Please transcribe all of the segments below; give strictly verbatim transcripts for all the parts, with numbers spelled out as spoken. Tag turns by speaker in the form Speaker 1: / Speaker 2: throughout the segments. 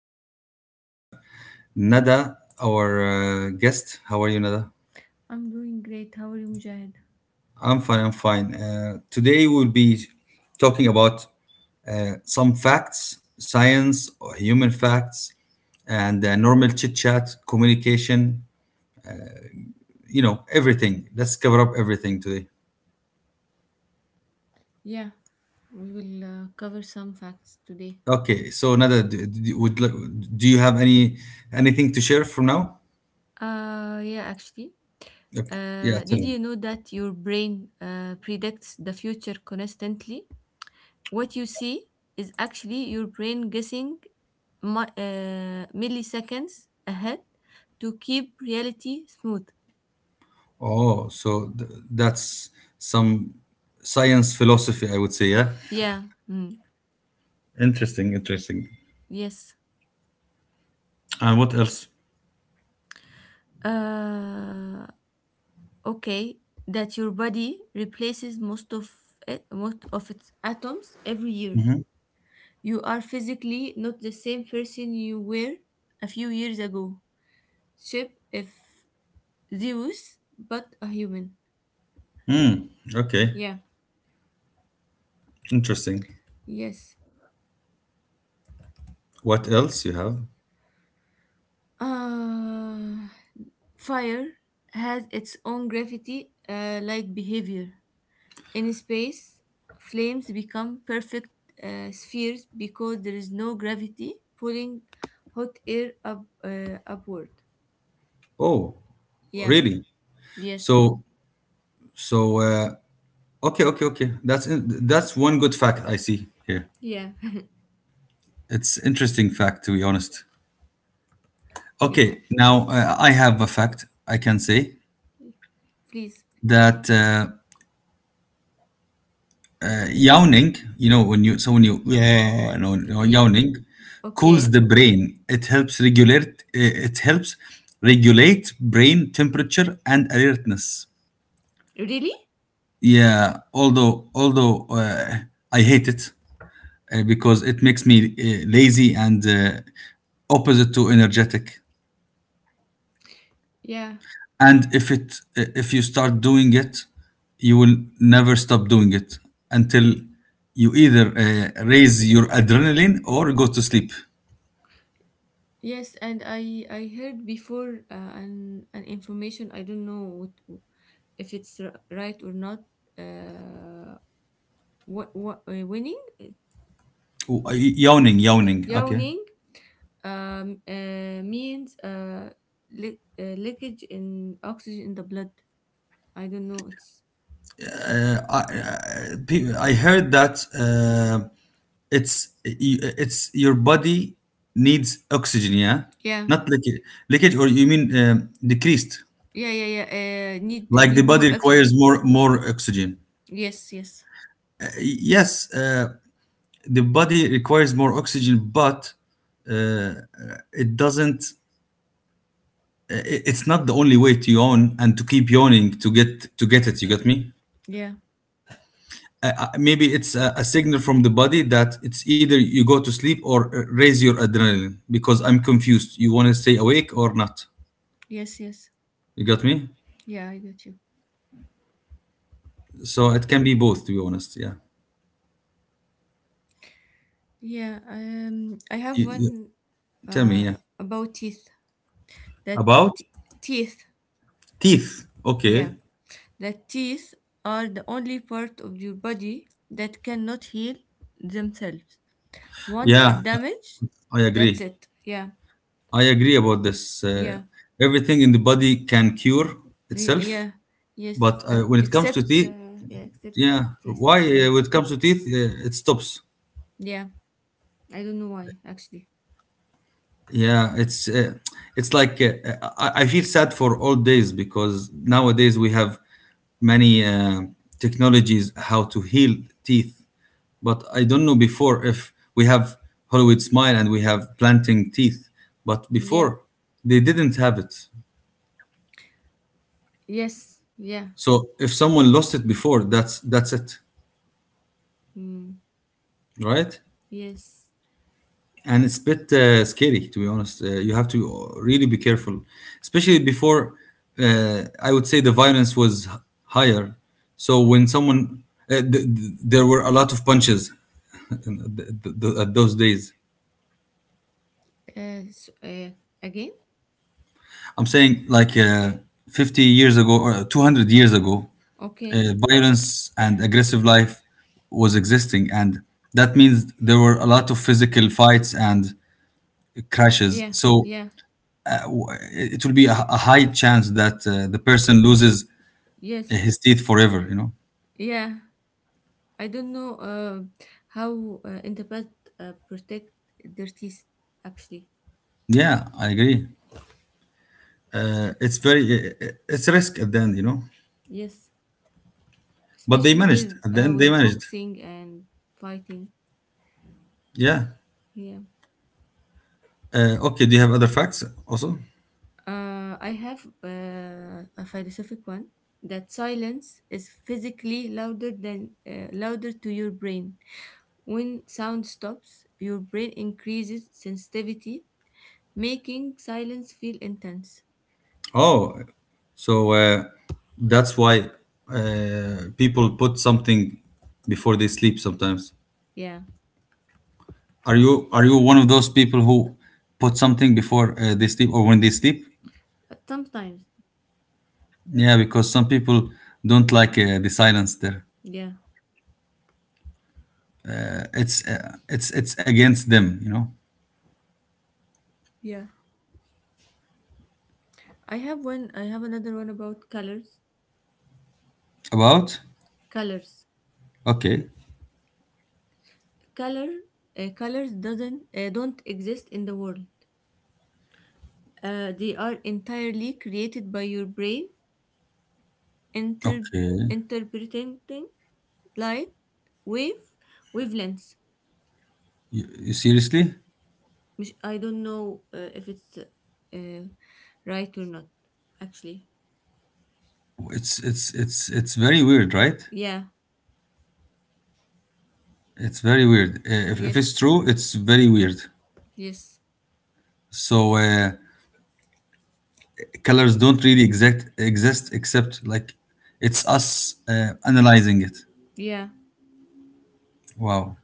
Speaker 1: podcast, and we have Nada, our uh, guest. How are you, Nada?
Speaker 2: I'm doing great. How are you, Mujahid?
Speaker 1: I'm fine. I'm fine. Uh, today, we'll be talking about uh, some facts, science, or human facts, and uh, normal chit chat, communication, you know, everything. Let's cover up everything today.
Speaker 2: Yeah, we will uh, cover some facts today.
Speaker 1: Okay. So, Nada, do, do, would, do you have any anything to share from now?
Speaker 2: Uh, yeah, actually.
Speaker 1: Okay. Yeah,
Speaker 2: Uh,
Speaker 1: tell
Speaker 2: did you
Speaker 1: me.
Speaker 2: know that your brain uh, predicts the future constantly? What you see is actually your brain guessing mi- uh, milliseconds ahead to keep reality smooth.
Speaker 1: Oh, so th- that's some science philosophy, I would say. Yeah.
Speaker 2: Yeah, mm,
Speaker 1: Interesting. Interesting.
Speaker 2: yes.
Speaker 1: And what else?
Speaker 2: Uh, okay, that your body replaces most of it, most of its atoms every year. You are physically not the same person you were a few years ago. Ship if Zeus, but a human.
Speaker 1: Okay.
Speaker 2: Yeah,
Speaker 1: Interesting.
Speaker 2: yes.
Speaker 1: What else you have?
Speaker 2: Uh, Fire has its own gravity uh, like behavior. In space, flames become perfect uh, spheres because there is no gravity pulling hot air up uh, upward.
Speaker 1: Oh,
Speaker 2: Yeah,
Speaker 1: really?
Speaker 2: yes,
Speaker 1: So, so, uh, okay, okay, okay. That's in- that's one good fact I see here.
Speaker 2: yeah,
Speaker 1: It's interesting fact to be honest.
Speaker 2: yeah.
Speaker 1: Okay, now uh, I have a fact I can say
Speaker 2: Please.
Speaker 1: that uh, yawning, you know, when you so when you yeah, yeah, yeah, uh, yeah. No, no, yawning cools
Speaker 2: Okay.
Speaker 1: the brain. It helps regulate. uh, It helps regulate brain temperature and alertness.
Speaker 2: Really?
Speaker 1: Yeah, although although uh, I hate it uh, because it makes me uh, lazy and uh, opposite to energetic.
Speaker 2: Yeah.
Speaker 1: And if it uh, if you start doing it, you will never stop doing it until you either uh, raise your adrenaline or go to sleep.
Speaker 2: Yes, and I I heard before uh, an an information. I don't know what, if it's r- right or not. Uh, what what uh, winning?
Speaker 1: Oh, uh, yawning, yawning. Okay.
Speaker 2: Yawning um uh, means uh, li- uh leakage in oxygen in the blood. I don't know. It's
Speaker 1: Uh, I uh, pe- I heard that uh, it's it's your body needs oxygen, yeah,
Speaker 2: yeah,
Speaker 1: not leakage, leakage, or you mean um, decreased?
Speaker 2: yeah, yeah, yeah. Uh, need
Speaker 1: Like the
Speaker 2: need
Speaker 1: body
Speaker 2: more
Speaker 1: requires
Speaker 2: oxygen.
Speaker 1: more more oxygen.
Speaker 2: Yes, yes,
Speaker 1: Uh, Yes, uh, the body requires more oxygen, but uh, it doesn't. uh, i- It's not the only way to yawn and to keep yawning to get to get it. You get me?
Speaker 2: yeah,
Speaker 1: Uh, uh, maybe it's a, a signal from the body that it's either you go to sleep or uh, raise your adrenaline because I'm confused. You want to stay awake or not?
Speaker 2: yes, yes,
Speaker 1: You got me?
Speaker 2: yeah. I got you.
Speaker 1: So it can be both, to be honest. Yeah.
Speaker 2: Yeah. Um, I have
Speaker 1: You, you,
Speaker 2: one
Speaker 1: tell me,
Speaker 2: uh,
Speaker 1: yeah.
Speaker 2: about teeth. That
Speaker 1: About
Speaker 2: t- teeth,
Speaker 1: teeth.
Speaker 2: yeah,
Speaker 1: Okay.
Speaker 2: that teeth are the only part of your body that cannot heal themselves. Once
Speaker 1: Yeah,
Speaker 2: it damaged,
Speaker 1: I
Speaker 2: that's
Speaker 1: agree.
Speaker 2: it. Yeah,
Speaker 1: I agree about this. Uh,
Speaker 2: yeah,
Speaker 1: everything in the body can cure
Speaker 2: the-
Speaker 1: itself,
Speaker 2: yeah,
Speaker 1: but
Speaker 2: yes.
Speaker 1: uh,
Speaker 2: ac-
Speaker 1: when it comes to
Speaker 2: Except,
Speaker 1: teeth,
Speaker 2: uh, yeah, except
Speaker 1: yeah,
Speaker 2: this.
Speaker 1: why
Speaker 2: Yeah,
Speaker 1: uh, when it comes to teeth, uh, it stops.
Speaker 2: yeah. I don't know why actually.
Speaker 1: Yeah, it's uh, it's like uh, I, I feel sad for old days because nowadays we have many uh, technologies how to heal teeth, but I don't know before if we have Hollywood Smile and we have planting teeth, but
Speaker 2: Yeah.
Speaker 1: before they didn't have it.
Speaker 2: Yes. Yeah.
Speaker 1: So if someone lost it before, that's that's it,
Speaker 2: Mm.
Speaker 1: right?
Speaker 2: Yes.
Speaker 1: And it's a bit uh, scary to be honest. Uh, you have to really be careful, especially before. Uh, I would say the violence was h- higher, so when someone uh, th- th- there were a lot of punches in th- th- th- at those days.
Speaker 2: Uh, s- uh, Again.
Speaker 1: I'm saying like uh, fifty years ago or two hundred years ago,
Speaker 2: Okay.
Speaker 1: uh, violence and aggressive life was existing, and that means there were a lot of physical fights and crashes.
Speaker 2: Yeah.
Speaker 1: So
Speaker 2: Yeah.
Speaker 1: it will be a, a high chance that uh, the person loses his
Speaker 2: Yes.
Speaker 1: teeth forever you know
Speaker 2: Yeah. I don't know uh, how uh, interpret uh, protect their teeth. Actually,
Speaker 1: Yeah, I agree. Uh, it's very, uh, it's a risk at the end you know
Speaker 2: yes,
Speaker 1: But they
Speaker 2: especially
Speaker 1: managed.
Speaker 2: with
Speaker 1: At the
Speaker 2: uh,
Speaker 1: end they
Speaker 2: with
Speaker 1: managed.
Speaker 2: boxing and fighting.
Speaker 1: Yeah.
Speaker 2: Yeah,
Speaker 1: Uh, okay, do you have other facts also?
Speaker 2: uh, I have uh, a philosophic one, that silence is physically louder than uh, louder to your brain. When sound stops, your brain increases sensitivity, making silence feel intense.
Speaker 1: Oh, so uh, that's why uh, people put something before they sleep sometimes.
Speaker 2: Yeah.
Speaker 1: Are you are you one of those people who put something before uh, they sleep or when they sleep?
Speaker 2: Uh, sometimes.
Speaker 1: Yeah, because some people don't like uh, the silence there.
Speaker 2: Yeah,
Speaker 1: Uh, It's uh, it's it's against them, you know.
Speaker 2: yeah. I have one. I have another one about colors.
Speaker 1: About?
Speaker 2: Colors.
Speaker 1: Okay.
Speaker 2: Color. Uh, colors doesn't uh, don't exist in the world. Uh, they are entirely created by your brain inter
Speaker 1: Okay.
Speaker 2: interpreting light wave wavelengths.
Speaker 1: You, you seriously?
Speaker 2: Which I don't know uh, if it's uh, right or not. Actually,
Speaker 1: It's it's it's it's very weird, right?
Speaker 2: yeah.
Speaker 1: It's very weird. Uh, if, if
Speaker 2: Yes.
Speaker 1: it's true, it's very weird.
Speaker 2: Yes.
Speaker 1: So uh, colors don't really exact exist except like it's us uh, analyzing it.
Speaker 2: Yeah.
Speaker 1: Wow.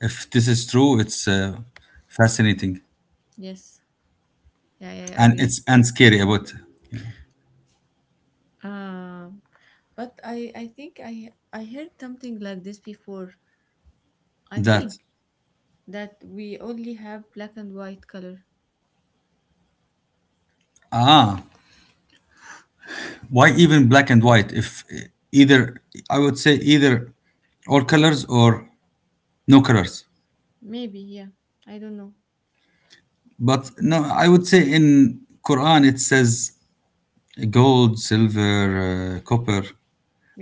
Speaker 1: If this is true, it's uh, fascinating
Speaker 2: Yes. Yeah, yeah, I
Speaker 1: and
Speaker 2: agree.
Speaker 1: it's and scary about you know,
Speaker 2: Um, but I, I think I I heard something like this before. I
Speaker 1: that.
Speaker 2: think that we only have black and white color.
Speaker 1: Ah, why even black and white? If eh, either, I would say either all colors or no colors.
Speaker 2: Maybe, yeah. I don't know.
Speaker 1: But no, I would say in Quran it says gold, silver, uh, copper.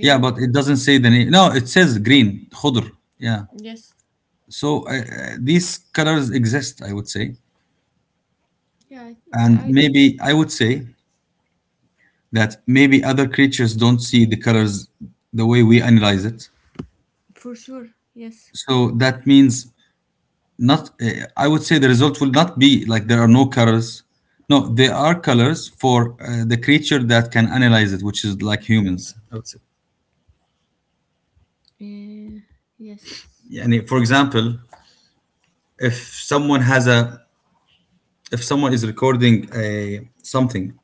Speaker 1: Yeah, but it doesn't say the name. No, it says green, khudr. Yeah.
Speaker 2: Yes.
Speaker 1: So uh, uh, these colors exist, I would say.
Speaker 2: Yeah. I, I,
Speaker 1: And
Speaker 2: I
Speaker 1: maybe I would say that maybe other creatures don't see the colors the way we analyze it.
Speaker 2: For sure. Yes.
Speaker 1: So that means not uh, I would say the result will not be like there are no colors. No, there are colors for uh, the creature that can analyze it, which is like humans, I would say.
Speaker 2: Uh, yes.
Speaker 1: Yani, for example, if someone has a if someone is recording a something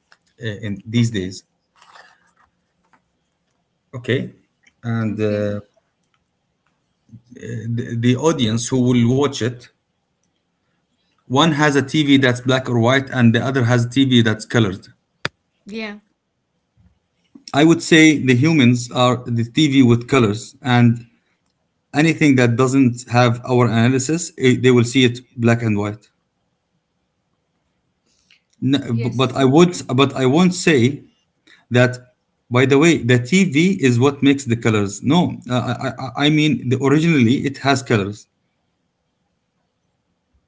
Speaker 1: uh, in these
Speaker 2: Okay.
Speaker 1: days, okay, and uh,
Speaker 2: Okay.
Speaker 1: uh, the, the audience who will watch it. One has a tv that's black or white and the other has tv that's colored.
Speaker 2: Yeah.
Speaker 1: I would say the humans are the tv with colors, and anything that doesn't have our analysis it, they will see it black and white. N- bu- but I
Speaker 2: Yes.
Speaker 1: would but I won't say that, by the way. The tv is what makes the colors? No, uh, I, I I mean, the originally it has colors,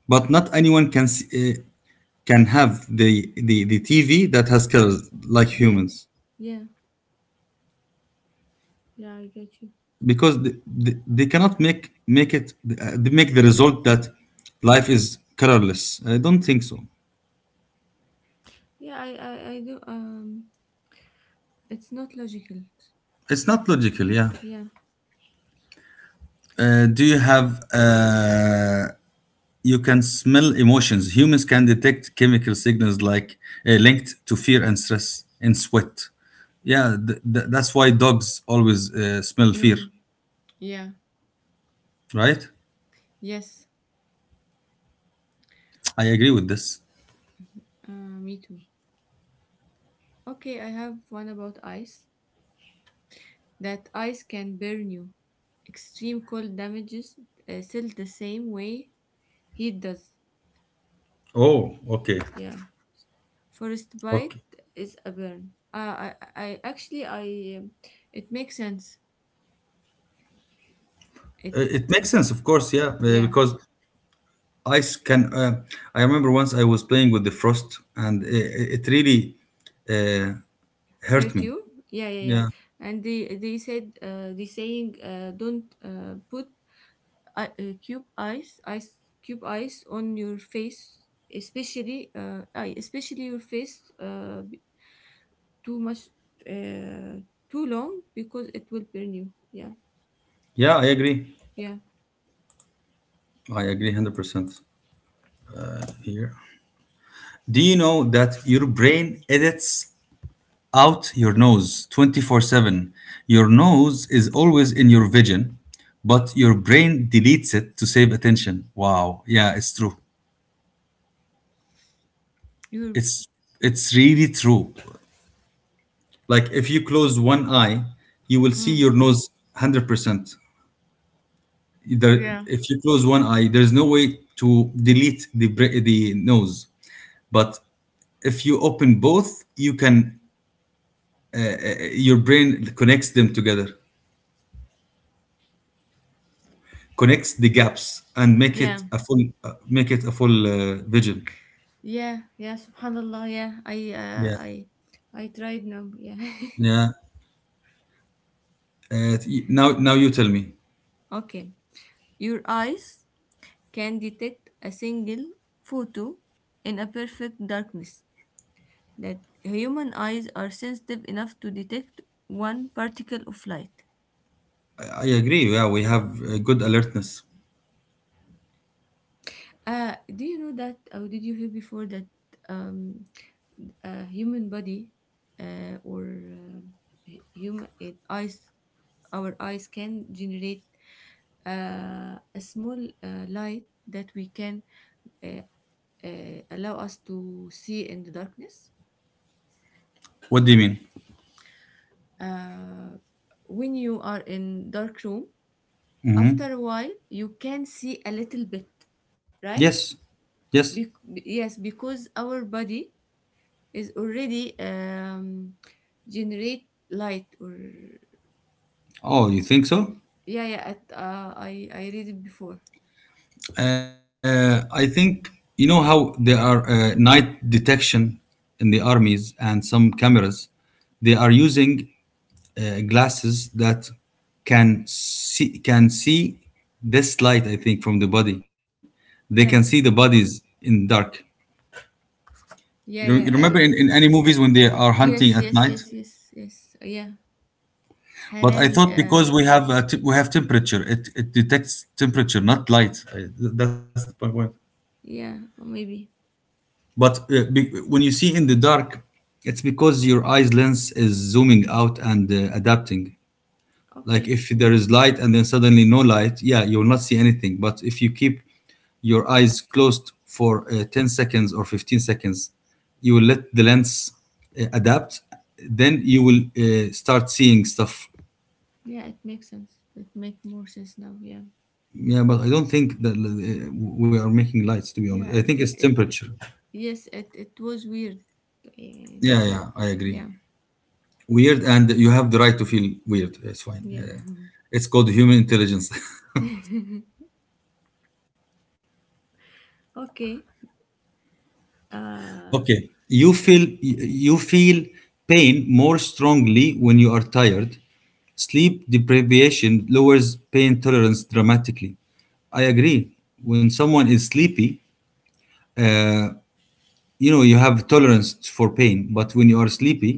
Speaker 1: but not anyone can s- uh, can have the, the the tv that has colors like
Speaker 2: Yeah.
Speaker 1: humans,
Speaker 2: Yeah. Yeah. I get you.
Speaker 1: because the, the, they cannot make make it. Uh, they make the result that life is colorless. I don't think so.
Speaker 2: Yeah. I, I, I do. Um. It's not logical.
Speaker 1: It's not logical, yeah.
Speaker 2: Yeah.
Speaker 1: Uh, do you have uh, you can smell emotions. Humans can detect chemical signals, like uh, linked to fear and stress and sweat. Yeah, th- th- that's why dogs always uh, smell fear,
Speaker 2: Mm. Yeah.
Speaker 1: right?
Speaker 2: Yes.
Speaker 1: I agree with this.
Speaker 2: Uh, me too. Okay, I have one about ice. That ice can burn you. Extreme cold damages uh, cell the same way heat does.
Speaker 1: Oh. Okay,
Speaker 2: Yeah. Forest bite
Speaker 1: okay.
Speaker 2: is a burn. Uh, I, I I- actually I um, it makes sense. It
Speaker 1: Uh, it makes sense of course, yeah, uh,
Speaker 2: yeah
Speaker 1: because ice can uh, I remember once I was playing with the frost, and it, it really uh, hurt
Speaker 2: hurt
Speaker 1: me.
Speaker 2: you. Yeah, yeah, yeah.
Speaker 1: Yeah,
Speaker 2: And they they said uh, the saying uh, don't uh, put uh, uh, cube ice ice cube ice on your face, especially uh, I- especially your face, uh, too much, uh, too long, because it will burn you. Yeah,
Speaker 1: yeah, I agree.
Speaker 2: yeah,
Speaker 1: I agree one hundred percent here. Do you know that your brain edits out your nose twenty four seven? Your nose is always in your vision, but your brain deletes it to save attention. Wow. Yeah, it's true.
Speaker 2: you,
Speaker 1: It's it's really true. Like if you close one eye, you will see
Speaker 2: hmm.
Speaker 1: your nose one hundred percent. There,
Speaker 2: Yeah,
Speaker 1: if you close one eye, there's no way to delete the bra- the nose. But if you open both, you can your brain connects them together, connects the gaps and make it
Speaker 2: yeah,
Speaker 1: a full uh, make it a full uh, vision.
Speaker 2: yeah, yeah, subhanallah, yeah, i uh,
Speaker 1: Yeah,
Speaker 2: i i tried now, yeah.
Speaker 1: yeah. Uh, y- now now you tell me.
Speaker 2: Okay, your eyes can detect a single photo in a perfect darkness, that human eyes are sensitive enough to detect one particle of light.
Speaker 1: I, I agree, yeah, we have uh, good alertness.
Speaker 2: Uh, do you know that, or did you hear before, that um, uh, human body uh, or um, hu- human it, eyes our eyes can generate uh, a small uh, light that we can, uh, uh, allow us to see in the darkness.
Speaker 1: What do you mean?
Speaker 2: uh, when you are in dark room,
Speaker 1: Hmm.
Speaker 2: after a while you can see a little bit, right?
Speaker 1: Yes, yes.
Speaker 2: Bec- yes, because our body is already um, generate light or.
Speaker 1: Oh, you think so?
Speaker 2: Yeah, yeah. At, uh, I I read it before.
Speaker 1: Uh, I think you know how there are uh, night detection in the armies and some cameras. They are using uh, glasses that can see can see this light. I think from the body, they can see the
Speaker 2: Yeah.
Speaker 1: bodies in dark. You,
Speaker 2: Yeah,
Speaker 1: you remember
Speaker 2: yeah.
Speaker 1: in,
Speaker 2: Uh,
Speaker 1: in any movies when they are hunting
Speaker 2: yes,
Speaker 1: at
Speaker 2: yes,
Speaker 1: night?
Speaker 2: yes, yes, yes. Uh, yeah,
Speaker 1: But I
Speaker 2: Harari.
Speaker 1: thought because we have
Speaker 2: Uh,
Speaker 1: uh, t- we have temperature, it, it detects temperature, not light. I, th- that's the point.
Speaker 2: yeah, maybe.
Speaker 1: But uh, be- when you see in the dark, it's because your eyes lens is zooming out and uh, adapting. Like
Speaker 2: Okay.
Speaker 1: if there is light and then suddenly no light, yeah, you will not see anything. But if you keep your eyes closed for uh, ten seconds or fifteen seconds, you will let the lens uh, adapt. Then you will uh, start seeing stuff.
Speaker 2: Yeah, it makes sense. It make more sense now. Yeah,
Speaker 1: Yeah, but I don't think that uh, we are making lights, to be honest.
Speaker 2: yeah.
Speaker 1: I
Speaker 2: It
Speaker 1: think it's
Speaker 2: it, it
Speaker 1: temperature.
Speaker 2: Yes. It it was weird. Uh,
Speaker 1: Yeah, yeah, I agree.
Speaker 2: yeah,
Speaker 1: Weird, and you have the right to feel weird. It's fine. Uh,
Speaker 2: yeah.
Speaker 1: it's called human intelligence.
Speaker 2: okay. Uh,
Speaker 1: Okay. You feel you feel pain more strongly when you are tired. Sleep deprivation lowers pain tolerance dramatically. I agree. When someone is sleepy, uh, you know you have tolerance for pain, but when you are sleepy,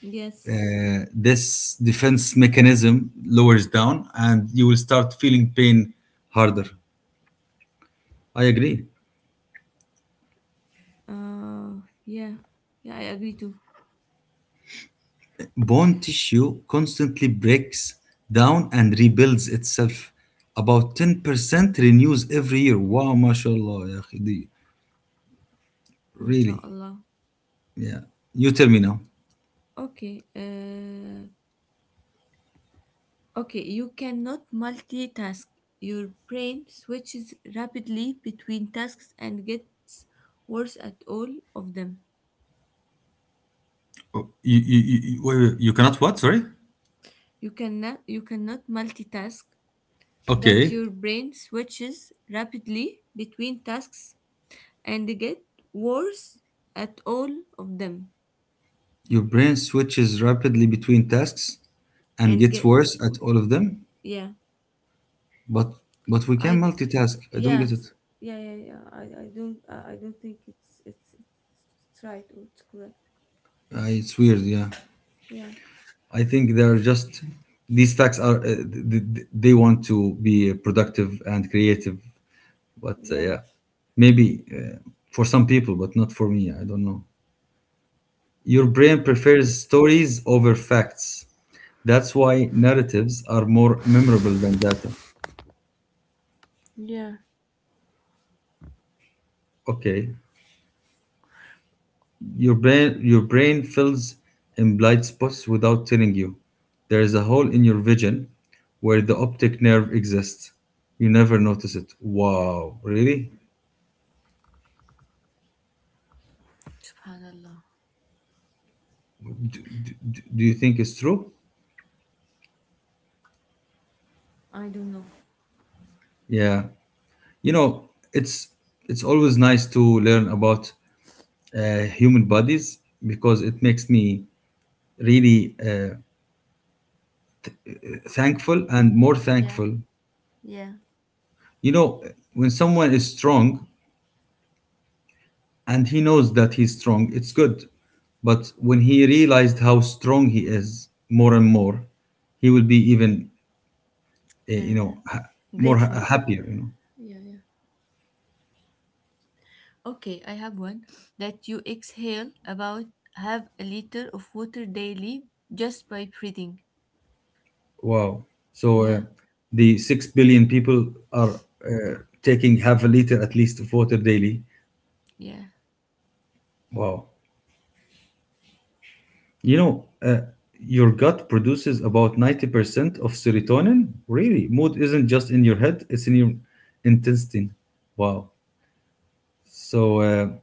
Speaker 2: yes.
Speaker 1: uh, this defense mechanism lowers down and you will start feeling pain harder. I agree.
Speaker 2: Uh, yeah, yeah. I agree too.
Speaker 1: Bone tissue constantly breaks down and rebuilds itself. About ten percent renews every year. Wow, mashallah, يا أخي, دي- really.
Speaker 2: MashaAllah.
Speaker 1: Yeah. You tell me now.
Speaker 2: Okay. Uh. Okay, you cannot multitask. Your brain switches rapidly between tasks and gets worse at all of them.
Speaker 1: Oh, you, you, you, you- wait, wait, you cannot what? Sorry?
Speaker 2: You cannot you cannot multitask. That
Speaker 1: Okay.
Speaker 2: your brain switches rapidly between tasks and get worse at all of them.
Speaker 1: Your brain switches rapidly between tasks and
Speaker 2: And
Speaker 1: gets
Speaker 2: get,
Speaker 1: worse at all of them.
Speaker 2: yeah.
Speaker 1: But but we
Speaker 2: I
Speaker 1: can
Speaker 2: d-
Speaker 1: multitask. I don't get
Speaker 2: yes.
Speaker 1: it.
Speaker 2: Yeah, yeah, yeah. I, I don't I I don't think it's it's it's right or it's correct.
Speaker 1: Uh, it's weird, yeah.
Speaker 2: Yeah.
Speaker 1: I think they're just these facts are uh, th- th- they want to be productive and creative, but uh,
Speaker 2: Yeah.
Speaker 1: yeah, maybe uh, for some people, but not for me. I don't know. Your brain prefers stories over facts. That's why narratives are more memorable than data.
Speaker 2: Yeah.
Speaker 1: Okay, your brain your brain fills in blind spots without telling you. There is a hole in your vision where the optic nerve exists. You never notice it. Wow, really?
Speaker 2: Subhanallah.
Speaker 1: do, do, do you think it's true?
Speaker 2: I don't know.
Speaker 1: Yeah, you know, it's it's always nice to learn about uh, human bodies because it makes me really uh, thankful and more
Speaker 2: Yeah,
Speaker 1: thankful.
Speaker 2: yeah.
Speaker 1: You know, when someone is strong and he knows that he's strong it's good, but when he realized how strong he is more and more, he will be even, uh, you
Speaker 2: Uh,
Speaker 1: know ha- more
Speaker 2: Grateful.
Speaker 1: ha- happier, you know.
Speaker 2: Yeah, yeah. Okay, I have one, that you exhale about half a liter of water daily just by breathing.
Speaker 1: Wow. So uh,
Speaker 2: Yeah,
Speaker 1: the 6 billion people are uh, taking half a liter at least of water daily.
Speaker 2: yeah,
Speaker 1: Wow. You know, uh, your gut produces about ninety percent of serotonin. Really? Mood isn't just in your head, it's in your intestine. Wow. So uh,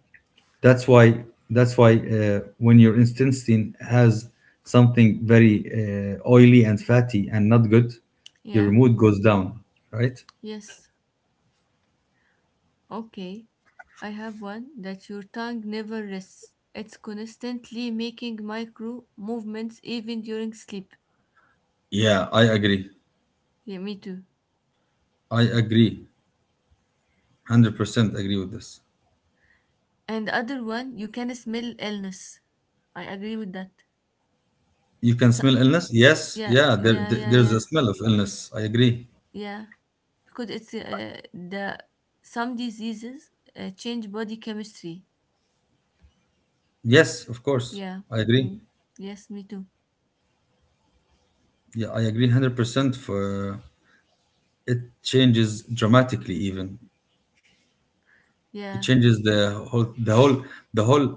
Speaker 1: that's why that's why uh, when your intestine has something very uh, oily and fatty and not good, your
Speaker 2: yeah,
Speaker 1: mood goes down, right?
Speaker 2: yes. Okay, I have one that your tongue never rests. It's constantly making micro movements even during sleep.
Speaker 1: Yeah, I agree.
Speaker 2: Yeah, me too.
Speaker 1: I agree, one hundred percent agree with this.
Speaker 2: And the other one, you can smell illness. I agree with that.
Speaker 1: You can
Speaker 2: So,
Speaker 1: smell illness? Yes,
Speaker 2: yeah,
Speaker 1: yeah, there,
Speaker 2: yeah,
Speaker 1: there-
Speaker 2: yeah,
Speaker 1: there's
Speaker 2: yeah,
Speaker 1: a smell of illness. I agree.
Speaker 2: yeah. Because it's uh, the some diseases uh, change body chemistry.
Speaker 1: Yes, of course.
Speaker 2: Yeah.
Speaker 1: I agree.
Speaker 2: Mm. Yes, me too.
Speaker 1: Yeah, I agree one hundred percent for it changes dramatically even. It
Speaker 2: Yeah.
Speaker 1: changes the whole the whole the whole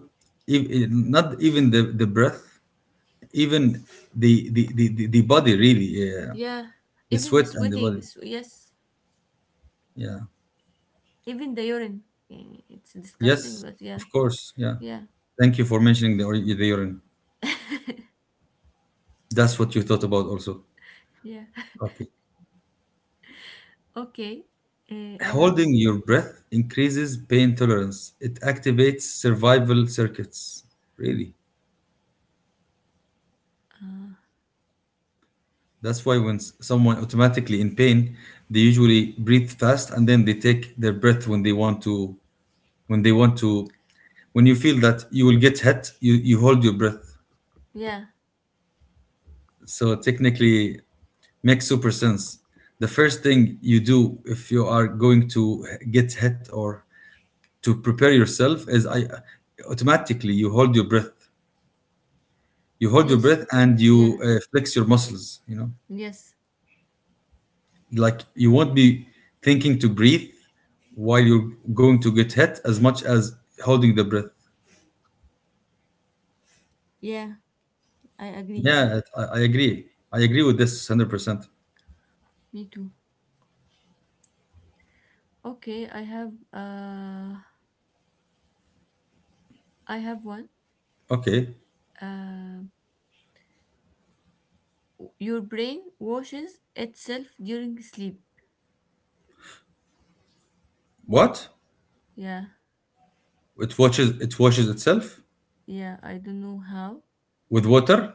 Speaker 1: ev- eh, not even the the breath, even the the the, the, the body, really, yeah.
Speaker 2: Yeah.
Speaker 1: The
Speaker 2: Even the
Speaker 1: sweat and the
Speaker 2: sweating.
Speaker 1: body.
Speaker 2: S yes.
Speaker 1: Yeah.
Speaker 2: Even the urine. Yeah, it's disgusting,
Speaker 1: Yes,
Speaker 2: but yeah.
Speaker 1: of course. Yeah.
Speaker 2: Yeah.
Speaker 1: Thank you for mentioning the, ur- the urine. That's what you thought about also.
Speaker 2: Yeah.
Speaker 1: Okay.
Speaker 2: Okay. Uh, I have.
Speaker 1: Holding your breath increases pain tolerance. It activates survival circuits. Really.
Speaker 2: Uh,
Speaker 1: That's why when s- someone automatically in pain, they usually breathe fast and then they take their breath when they want to when they want to when you feel that you will get hit, you, you hold your breath.
Speaker 2: yeah.
Speaker 1: So technically makes super sense. The first thing you do if you are going to get hit or to prepare yourself is I automatically you hold your breath, you hold your
Speaker 2: Yes.
Speaker 1: breath and
Speaker 2: Yeah.
Speaker 1: you uh, flex your muscles. You know,
Speaker 2: Yes.
Speaker 1: like you won't be thinking to breathe while you're going to get hit as much as holding the breath.
Speaker 2: Yeah. I agree.
Speaker 1: Yeah, I, I agree. I agree with this hundred percent.
Speaker 2: Me too. Okay. I have. Uh. I have one.
Speaker 1: Okay,
Speaker 2: Um, your brain washes itself during sleep.
Speaker 1: what?
Speaker 2: Yeah,
Speaker 1: It washes. It washes itself
Speaker 2: yeah, I don't know how.
Speaker 1: with water.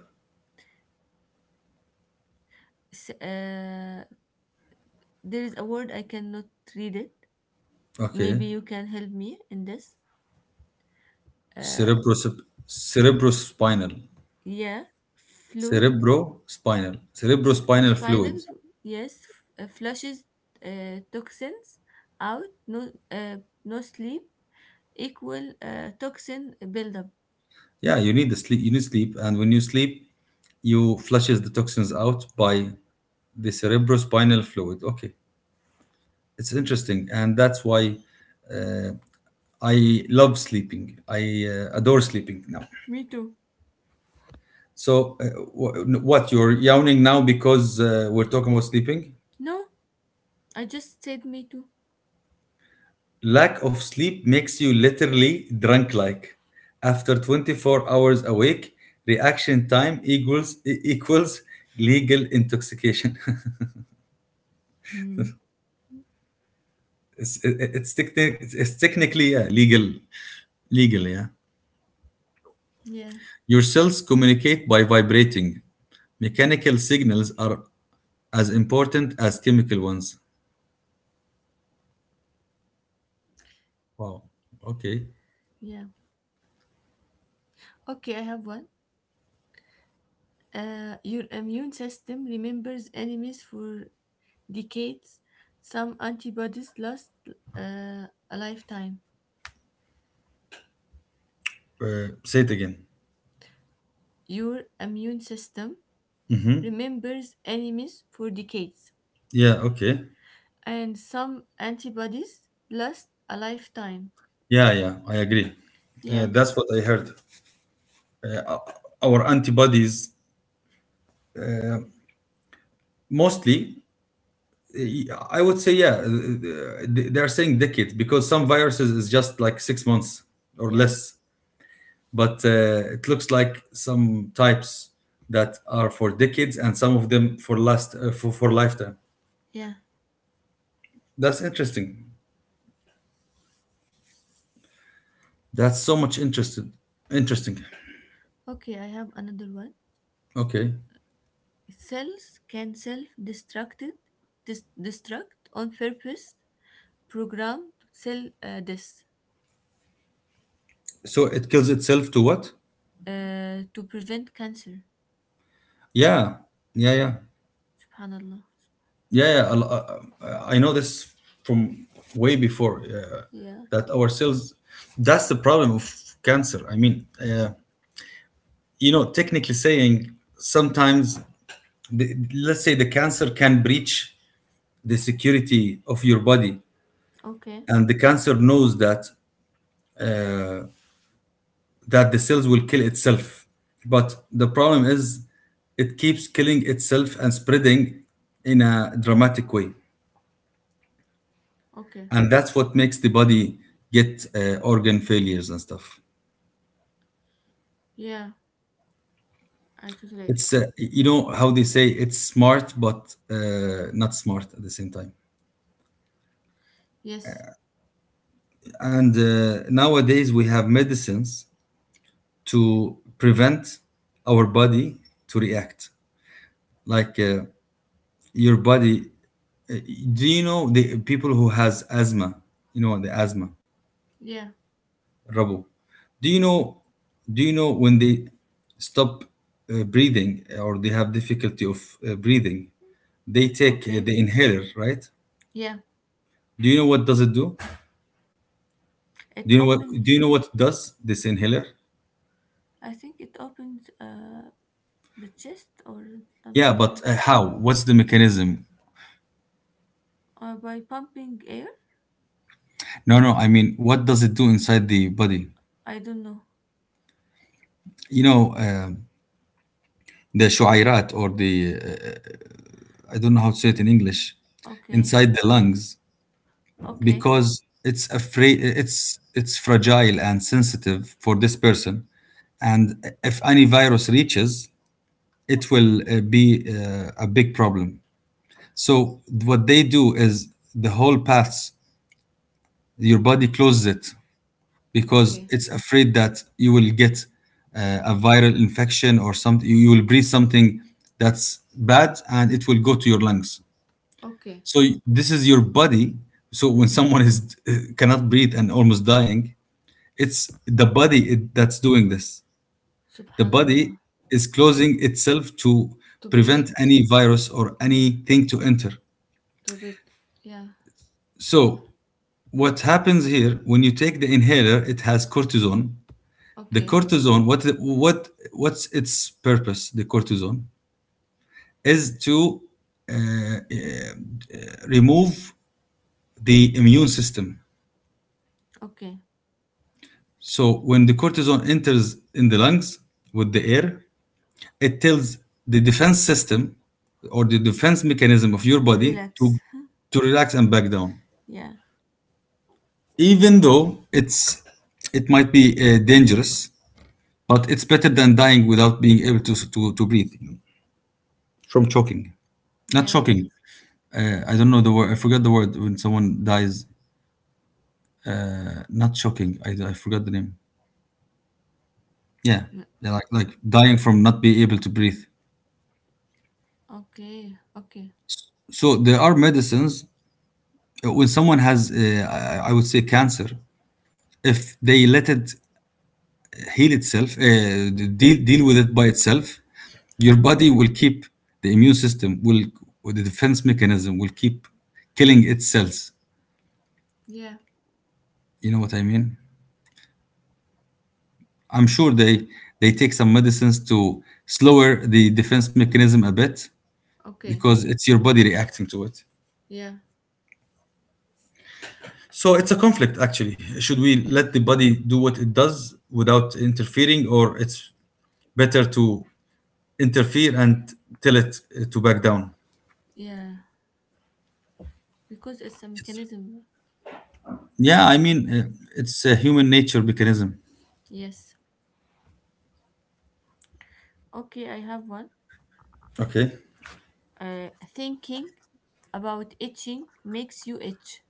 Speaker 2: S- uh, there is a word I cannot read it.
Speaker 1: Okay,
Speaker 2: Maybe you can help me in this. Uh,
Speaker 1: cerebros cerebrospinal
Speaker 2: yeah, flute,
Speaker 1: cerebrospinal
Speaker 2: s-
Speaker 1: cerebrospinal
Speaker 2: spinal,
Speaker 1: fluid.
Speaker 2: yes, f- uh, flushes uh, toxins out, no, uh, no sleep, equal uh, toxin buildup.
Speaker 1: Yeah, you need the sleep. You need sleep, and when you sleep, you flushes the toxins out
Speaker 2: Yeah,
Speaker 1: by the cerebrospinal fluid. Okay, it's interesting, and that's why uh, I love sleeping. I uh, adore sleeping now.
Speaker 2: me too.
Speaker 1: So, uh, wh- what you're yawning now because uh, we're talking about sleeping?
Speaker 2: No, I just said me too.
Speaker 1: Lack of sleep makes you literally drunk like. After twenty-four hours awake, reaction time equals e- equals legal intoxication.
Speaker 2: Hmm.
Speaker 1: it's it- it's, techni- it's technically, yeah, legal, legal, yeah.
Speaker 2: Yeah,
Speaker 1: Your cells communicate by vibrating. Mechanical signals are as important as chemical ones. Wow. Okay.
Speaker 2: yeah. Okay, I have one. Uh, your immune system remembers enemies for decades, some antibodies last uh, a lifetime.
Speaker 1: Uh, say it again.
Speaker 2: Your immune system remembers enemies for decades,
Speaker 1: Yeah, okay.
Speaker 2: and some antibodies last a lifetime.
Speaker 1: Yeah, yeah, I agree. Uh,
Speaker 2: Yeah,
Speaker 1: that's what I heard. uh, our antibodies mostly, uh, I would say, yeah, uh, they they are saying decade because some viruses is just like six months or
Speaker 2: yeah,
Speaker 1: less. But uh, it looks like some types that are for decades and some of them for last uh, for, for lifetime.
Speaker 2: yeah.
Speaker 1: That's interesting. That's so much interested, interesting.
Speaker 2: Okay, I have another one.
Speaker 1: Okay.
Speaker 2: Cells can self destruct, dis- destruct on purpose, programmed cell uh, death,
Speaker 1: So it kills itself to what?
Speaker 2: uh, to prevent cancer.
Speaker 1: Yeah. Yeah, yeah.
Speaker 2: Subhanallah.
Speaker 1: Yeah, yeah. a uh, uh, I know this from way before, uh,
Speaker 2: Yeah.
Speaker 1: that our cells, that's the problem of cancer. I mean uh, you know, technically saying, sometimes the, let's say, the cancer can breach the security of your body,
Speaker 2: Okay.
Speaker 1: and the cancer knows that, uh, that the cells will kill itself. But the problem is it keeps killing itself and spreading in a dramatic way,
Speaker 2: Okay.
Speaker 1: and that's what makes the body get uh, organ failures and stuff.
Speaker 2: Yeah. I totally agree.
Speaker 1: It's, uh, you know, how they say it's smart but uh, not smart at the same time.
Speaker 2: Yes.
Speaker 1: And uh, nowadays we have medicines to prevent our body to react like, uh, your body, uh, do you know the people who has asthma? You know the asthma
Speaker 2: Yeah.
Speaker 1: rubble? Do you know, do you know when they stop uh, breathing uh, or they have difficulty of uh, breathing, they take uh,
Speaker 2: Okay.
Speaker 1: the inhaler, right?
Speaker 2: Yeah.
Speaker 1: Do you know what does it do?
Speaker 2: It
Speaker 1: Do you know what,
Speaker 2: opens.
Speaker 1: do you know what it does, this inhaler?
Speaker 2: I think it opens uh the chest or
Speaker 1: Yeah,
Speaker 2: something
Speaker 1: but
Speaker 2: like
Speaker 1: uh, how, what's the mechanism?
Speaker 2: uh, by pumping air.
Speaker 1: No, no, I mean what does it do inside the body?
Speaker 2: I don't know.
Speaker 1: You know, uh, the shuairat or the, uh, I don't know how to say it in English,
Speaker 2: Okay.
Speaker 1: inside the lungs,
Speaker 2: Okay.
Speaker 1: because it's afraid it's it's fragile and sensitive for this person, and if any virus reaches, it will uh, be uh, a big problem. So what they do is the whole paths your body closes it, because
Speaker 2: Okay.
Speaker 1: it's afraid that you will get uh, a viral infection or something, you will breathe something that's bad, and it will go to your lungs.
Speaker 2: Okay.
Speaker 1: So y- this is your body. So when someone is cannot breathe and almost dying, it's the body it, that's doing this. The body
Speaker 2: Subhanallah.
Speaker 1: is closing itself to
Speaker 2: To
Speaker 1: prevent
Speaker 2: protect.
Speaker 1: any virus or
Speaker 2: Yeah.
Speaker 1: anything to enter.
Speaker 2: To protect. Yeah.
Speaker 1: So
Speaker 2: Sub-
Speaker 1: what happens here when you take the inhaler, it has cortisone. The
Speaker 2: okay.
Speaker 1: cortisone, what what what's its purpose? The cortisone is to uh, uh, remove the immune system.
Speaker 2: Okay.
Speaker 1: So when the cortisone enters in the lungs with the air, it tells the defense system or the defense mechanism of your
Speaker 2: To
Speaker 1: body
Speaker 2: relax.
Speaker 1: to to relax and back down.
Speaker 2: Yeah.
Speaker 1: Even though it's, it might be uh, dangerous, but it's better than dying without being able to to, to breathe, you know, from choking. Not
Speaker 2: Yeah.
Speaker 1: choking. Uh, I don't know the word. I forgot the word when someone dies. Uh, not choking. I, I forgot the name. Yeah,
Speaker 2: Yeah.
Speaker 1: yeah, like
Speaker 2: Oh,
Speaker 1: like dying from not being able to breathe.
Speaker 2: okay. Okay.
Speaker 1: So there are medicines when someone has, uh, I I would say, cancer, if they let it heal itself, uh, deal, deal with it by itself, your body will keep, the immune system will, or the defense mechanism will keep killing its cells.
Speaker 2: Yeah.
Speaker 1: You know what I mean? I'm sure they, they take some medicines to slower the defense mechanism a bit
Speaker 2: Okay.
Speaker 1: because it's your body reacting to it.
Speaker 2: Yeah.
Speaker 1: So it's a conflict, actually. Should we
Speaker 2: Yes.
Speaker 1: let the body do what it does without interfering, or it's better to interfere and tell it uh, to back down.
Speaker 2: Yeah. Because it's a
Speaker 1: It's,
Speaker 2: mechanism.
Speaker 1: yeah, I mean, uh,
Speaker 2: Mm,
Speaker 1: it's a human nature mechanism.
Speaker 2: yes. Okay, I have one.
Speaker 1: Okay.
Speaker 2: Uh, thinking about itching makes you itch.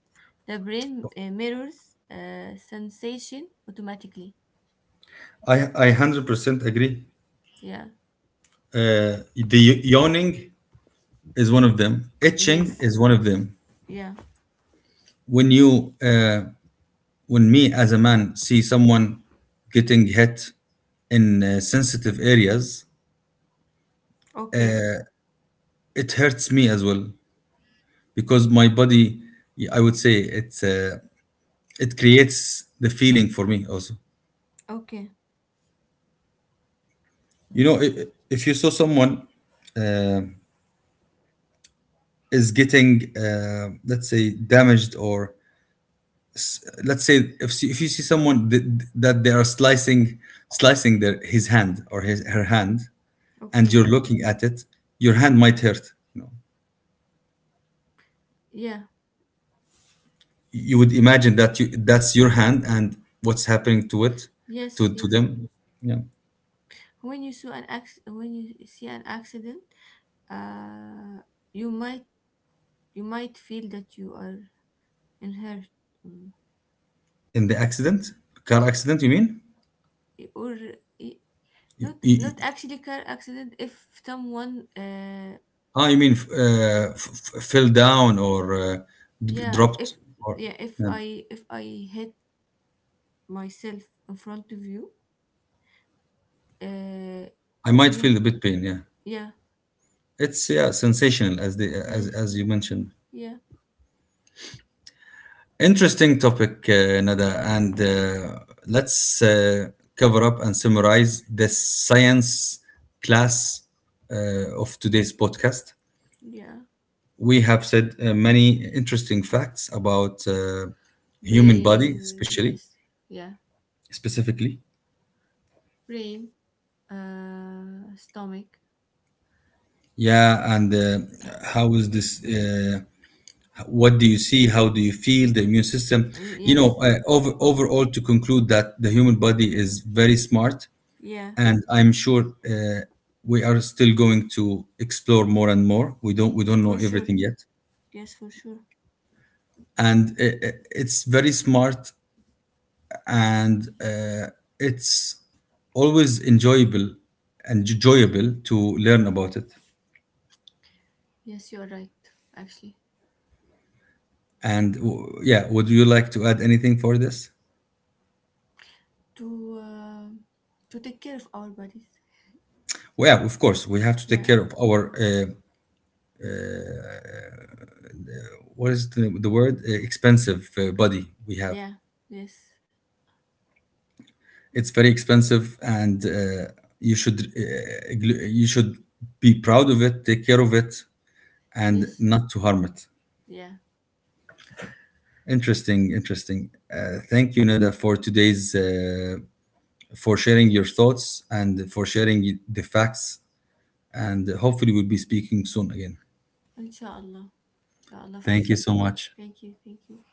Speaker 2: The brain uh, mirrors uh, sensation automatically.
Speaker 1: I, I one hundred percent agree.
Speaker 2: Yeah.
Speaker 1: Uh, the yawning is one of them, itching
Speaker 2: Yes.
Speaker 1: is one of them.
Speaker 2: Yeah.
Speaker 1: When you, uh, when me as a man see someone getting hit in uh, sensitive areas,
Speaker 2: Okay.
Speaker 1: it hurts me as well, because my body, I would say, it's, uh, it creates the feeling for me also.
Speaker 2: Okay.
Speaker 1: You know, i- i- if you saw someone uh, is getting, uh, let's say, damaged, or let's say, if see- if you see someone th- th- that they are slicing, slicing their his hand or his her hand, and
Speaker 2: Okay.
Speaker 1: you're looking at it, your hand might hurt. You know,
Speaker 2: Yeah.
Speaker 1: you would imagine that you that's your hand and what's happening to it,
Speaker 2: Yes.
Speaker 1: to to
Speaker 2: Yes.
Speaker 1: them. Yeah,
Speaker 2: When you see an acc- when you see an accident, uh, you might you might feel that you are in hurt. Mm.
Speaker 1: in the accident, car accident, you mean?
Speaker 2: Or eh,
Speaker 1: You,
Speaker 2: not
Speaker 1: you,
Speaker 2: not actually car accident, if someone uh
Speaker 1: Ah, you mean uh, f- f- fell down or uh, d-
Speaker 2: yeah
Speaker 1: dropped?
Speaker 2: if
Speaker 1: Or
Speaker 2: yeah if
Speaker 1: yeah.
Speaker 2: i if i hit myself in front of you uh
Speaker 1: I might
Speaker 2: you
Speaker 1: feel a bit pain. Yeah,
Speaker 2: yeah
Speaker 1: it's yeah sensational as the as
Speaker 2: yes
Speaker 1: as you mentioned.
Speaker 2: yeah
Speaker 1: Interesting topic, uh, Nada, and uh, let's uh, cover up and summarize the science class uh, of today's podcast.
Speaker 2: yeah
Speaker 1: We have said uh, many interesting facts about uh, human body,
Speaker 2: brain
Speaker 1: especially
Speaker 2: yes yeah
Speaker 1: specifically.
Speaker 2: brain uh stomach.
Speaker 1: Yeah, and uh, how is this? Uh, what do you see? How do you feel? The immune system.
Speaker 2: Uh,
Speaker 1: You know,
Speaker 2: yes,
Speaker 1: uh, over,
Speaker 2: oh
Speaker 1: overall, to conclude that the human body is very smart,
Speaker 2: yeah,
Speaker 1: and I'm sure uh, we are still going to explore more and more. We don't we don't know
Speaker 2: for sure,
Speaker 1: everything yet,
Speaker 2: yes for sure,
Speaker 1: and uh, uh, it's very smart, and uh, it's always enjoyable and enjoyable to learn about it.
Speaker 2: yes you are right, actually,
Speaker 1: And w- yeah, would you like to add anything for this?
Speaker 2: to uh, to take care of our bodies,
Speaker 1: Well, yeah, of course, we have to take
Speaker 2: yeah.
Speaker 1: care of our uh, what is the, the word? Uh, expensive uh, body we have.
Speaker 2: Yeah, yes,
Speaker 1: It's very expensive, and uh, you should uh, gl- you should be proud of it, take care of it, and
Speaker 2: yes,
Speaker 1: not to harm it.
Speaker 2: yeah.
Speaker 1: Interesting, interesting. Uh, thank you, Neda, for today's uh, for sharing your thoughts and for sharing the facts. And hopefully, we'll be speaking soon again.
Speaker 2: Inshallah, inshallah, for
Speaker 1: Thank you
Speaker 2: sure.
Speaker 1: so much.
Speaker 2: Thank you, thank you.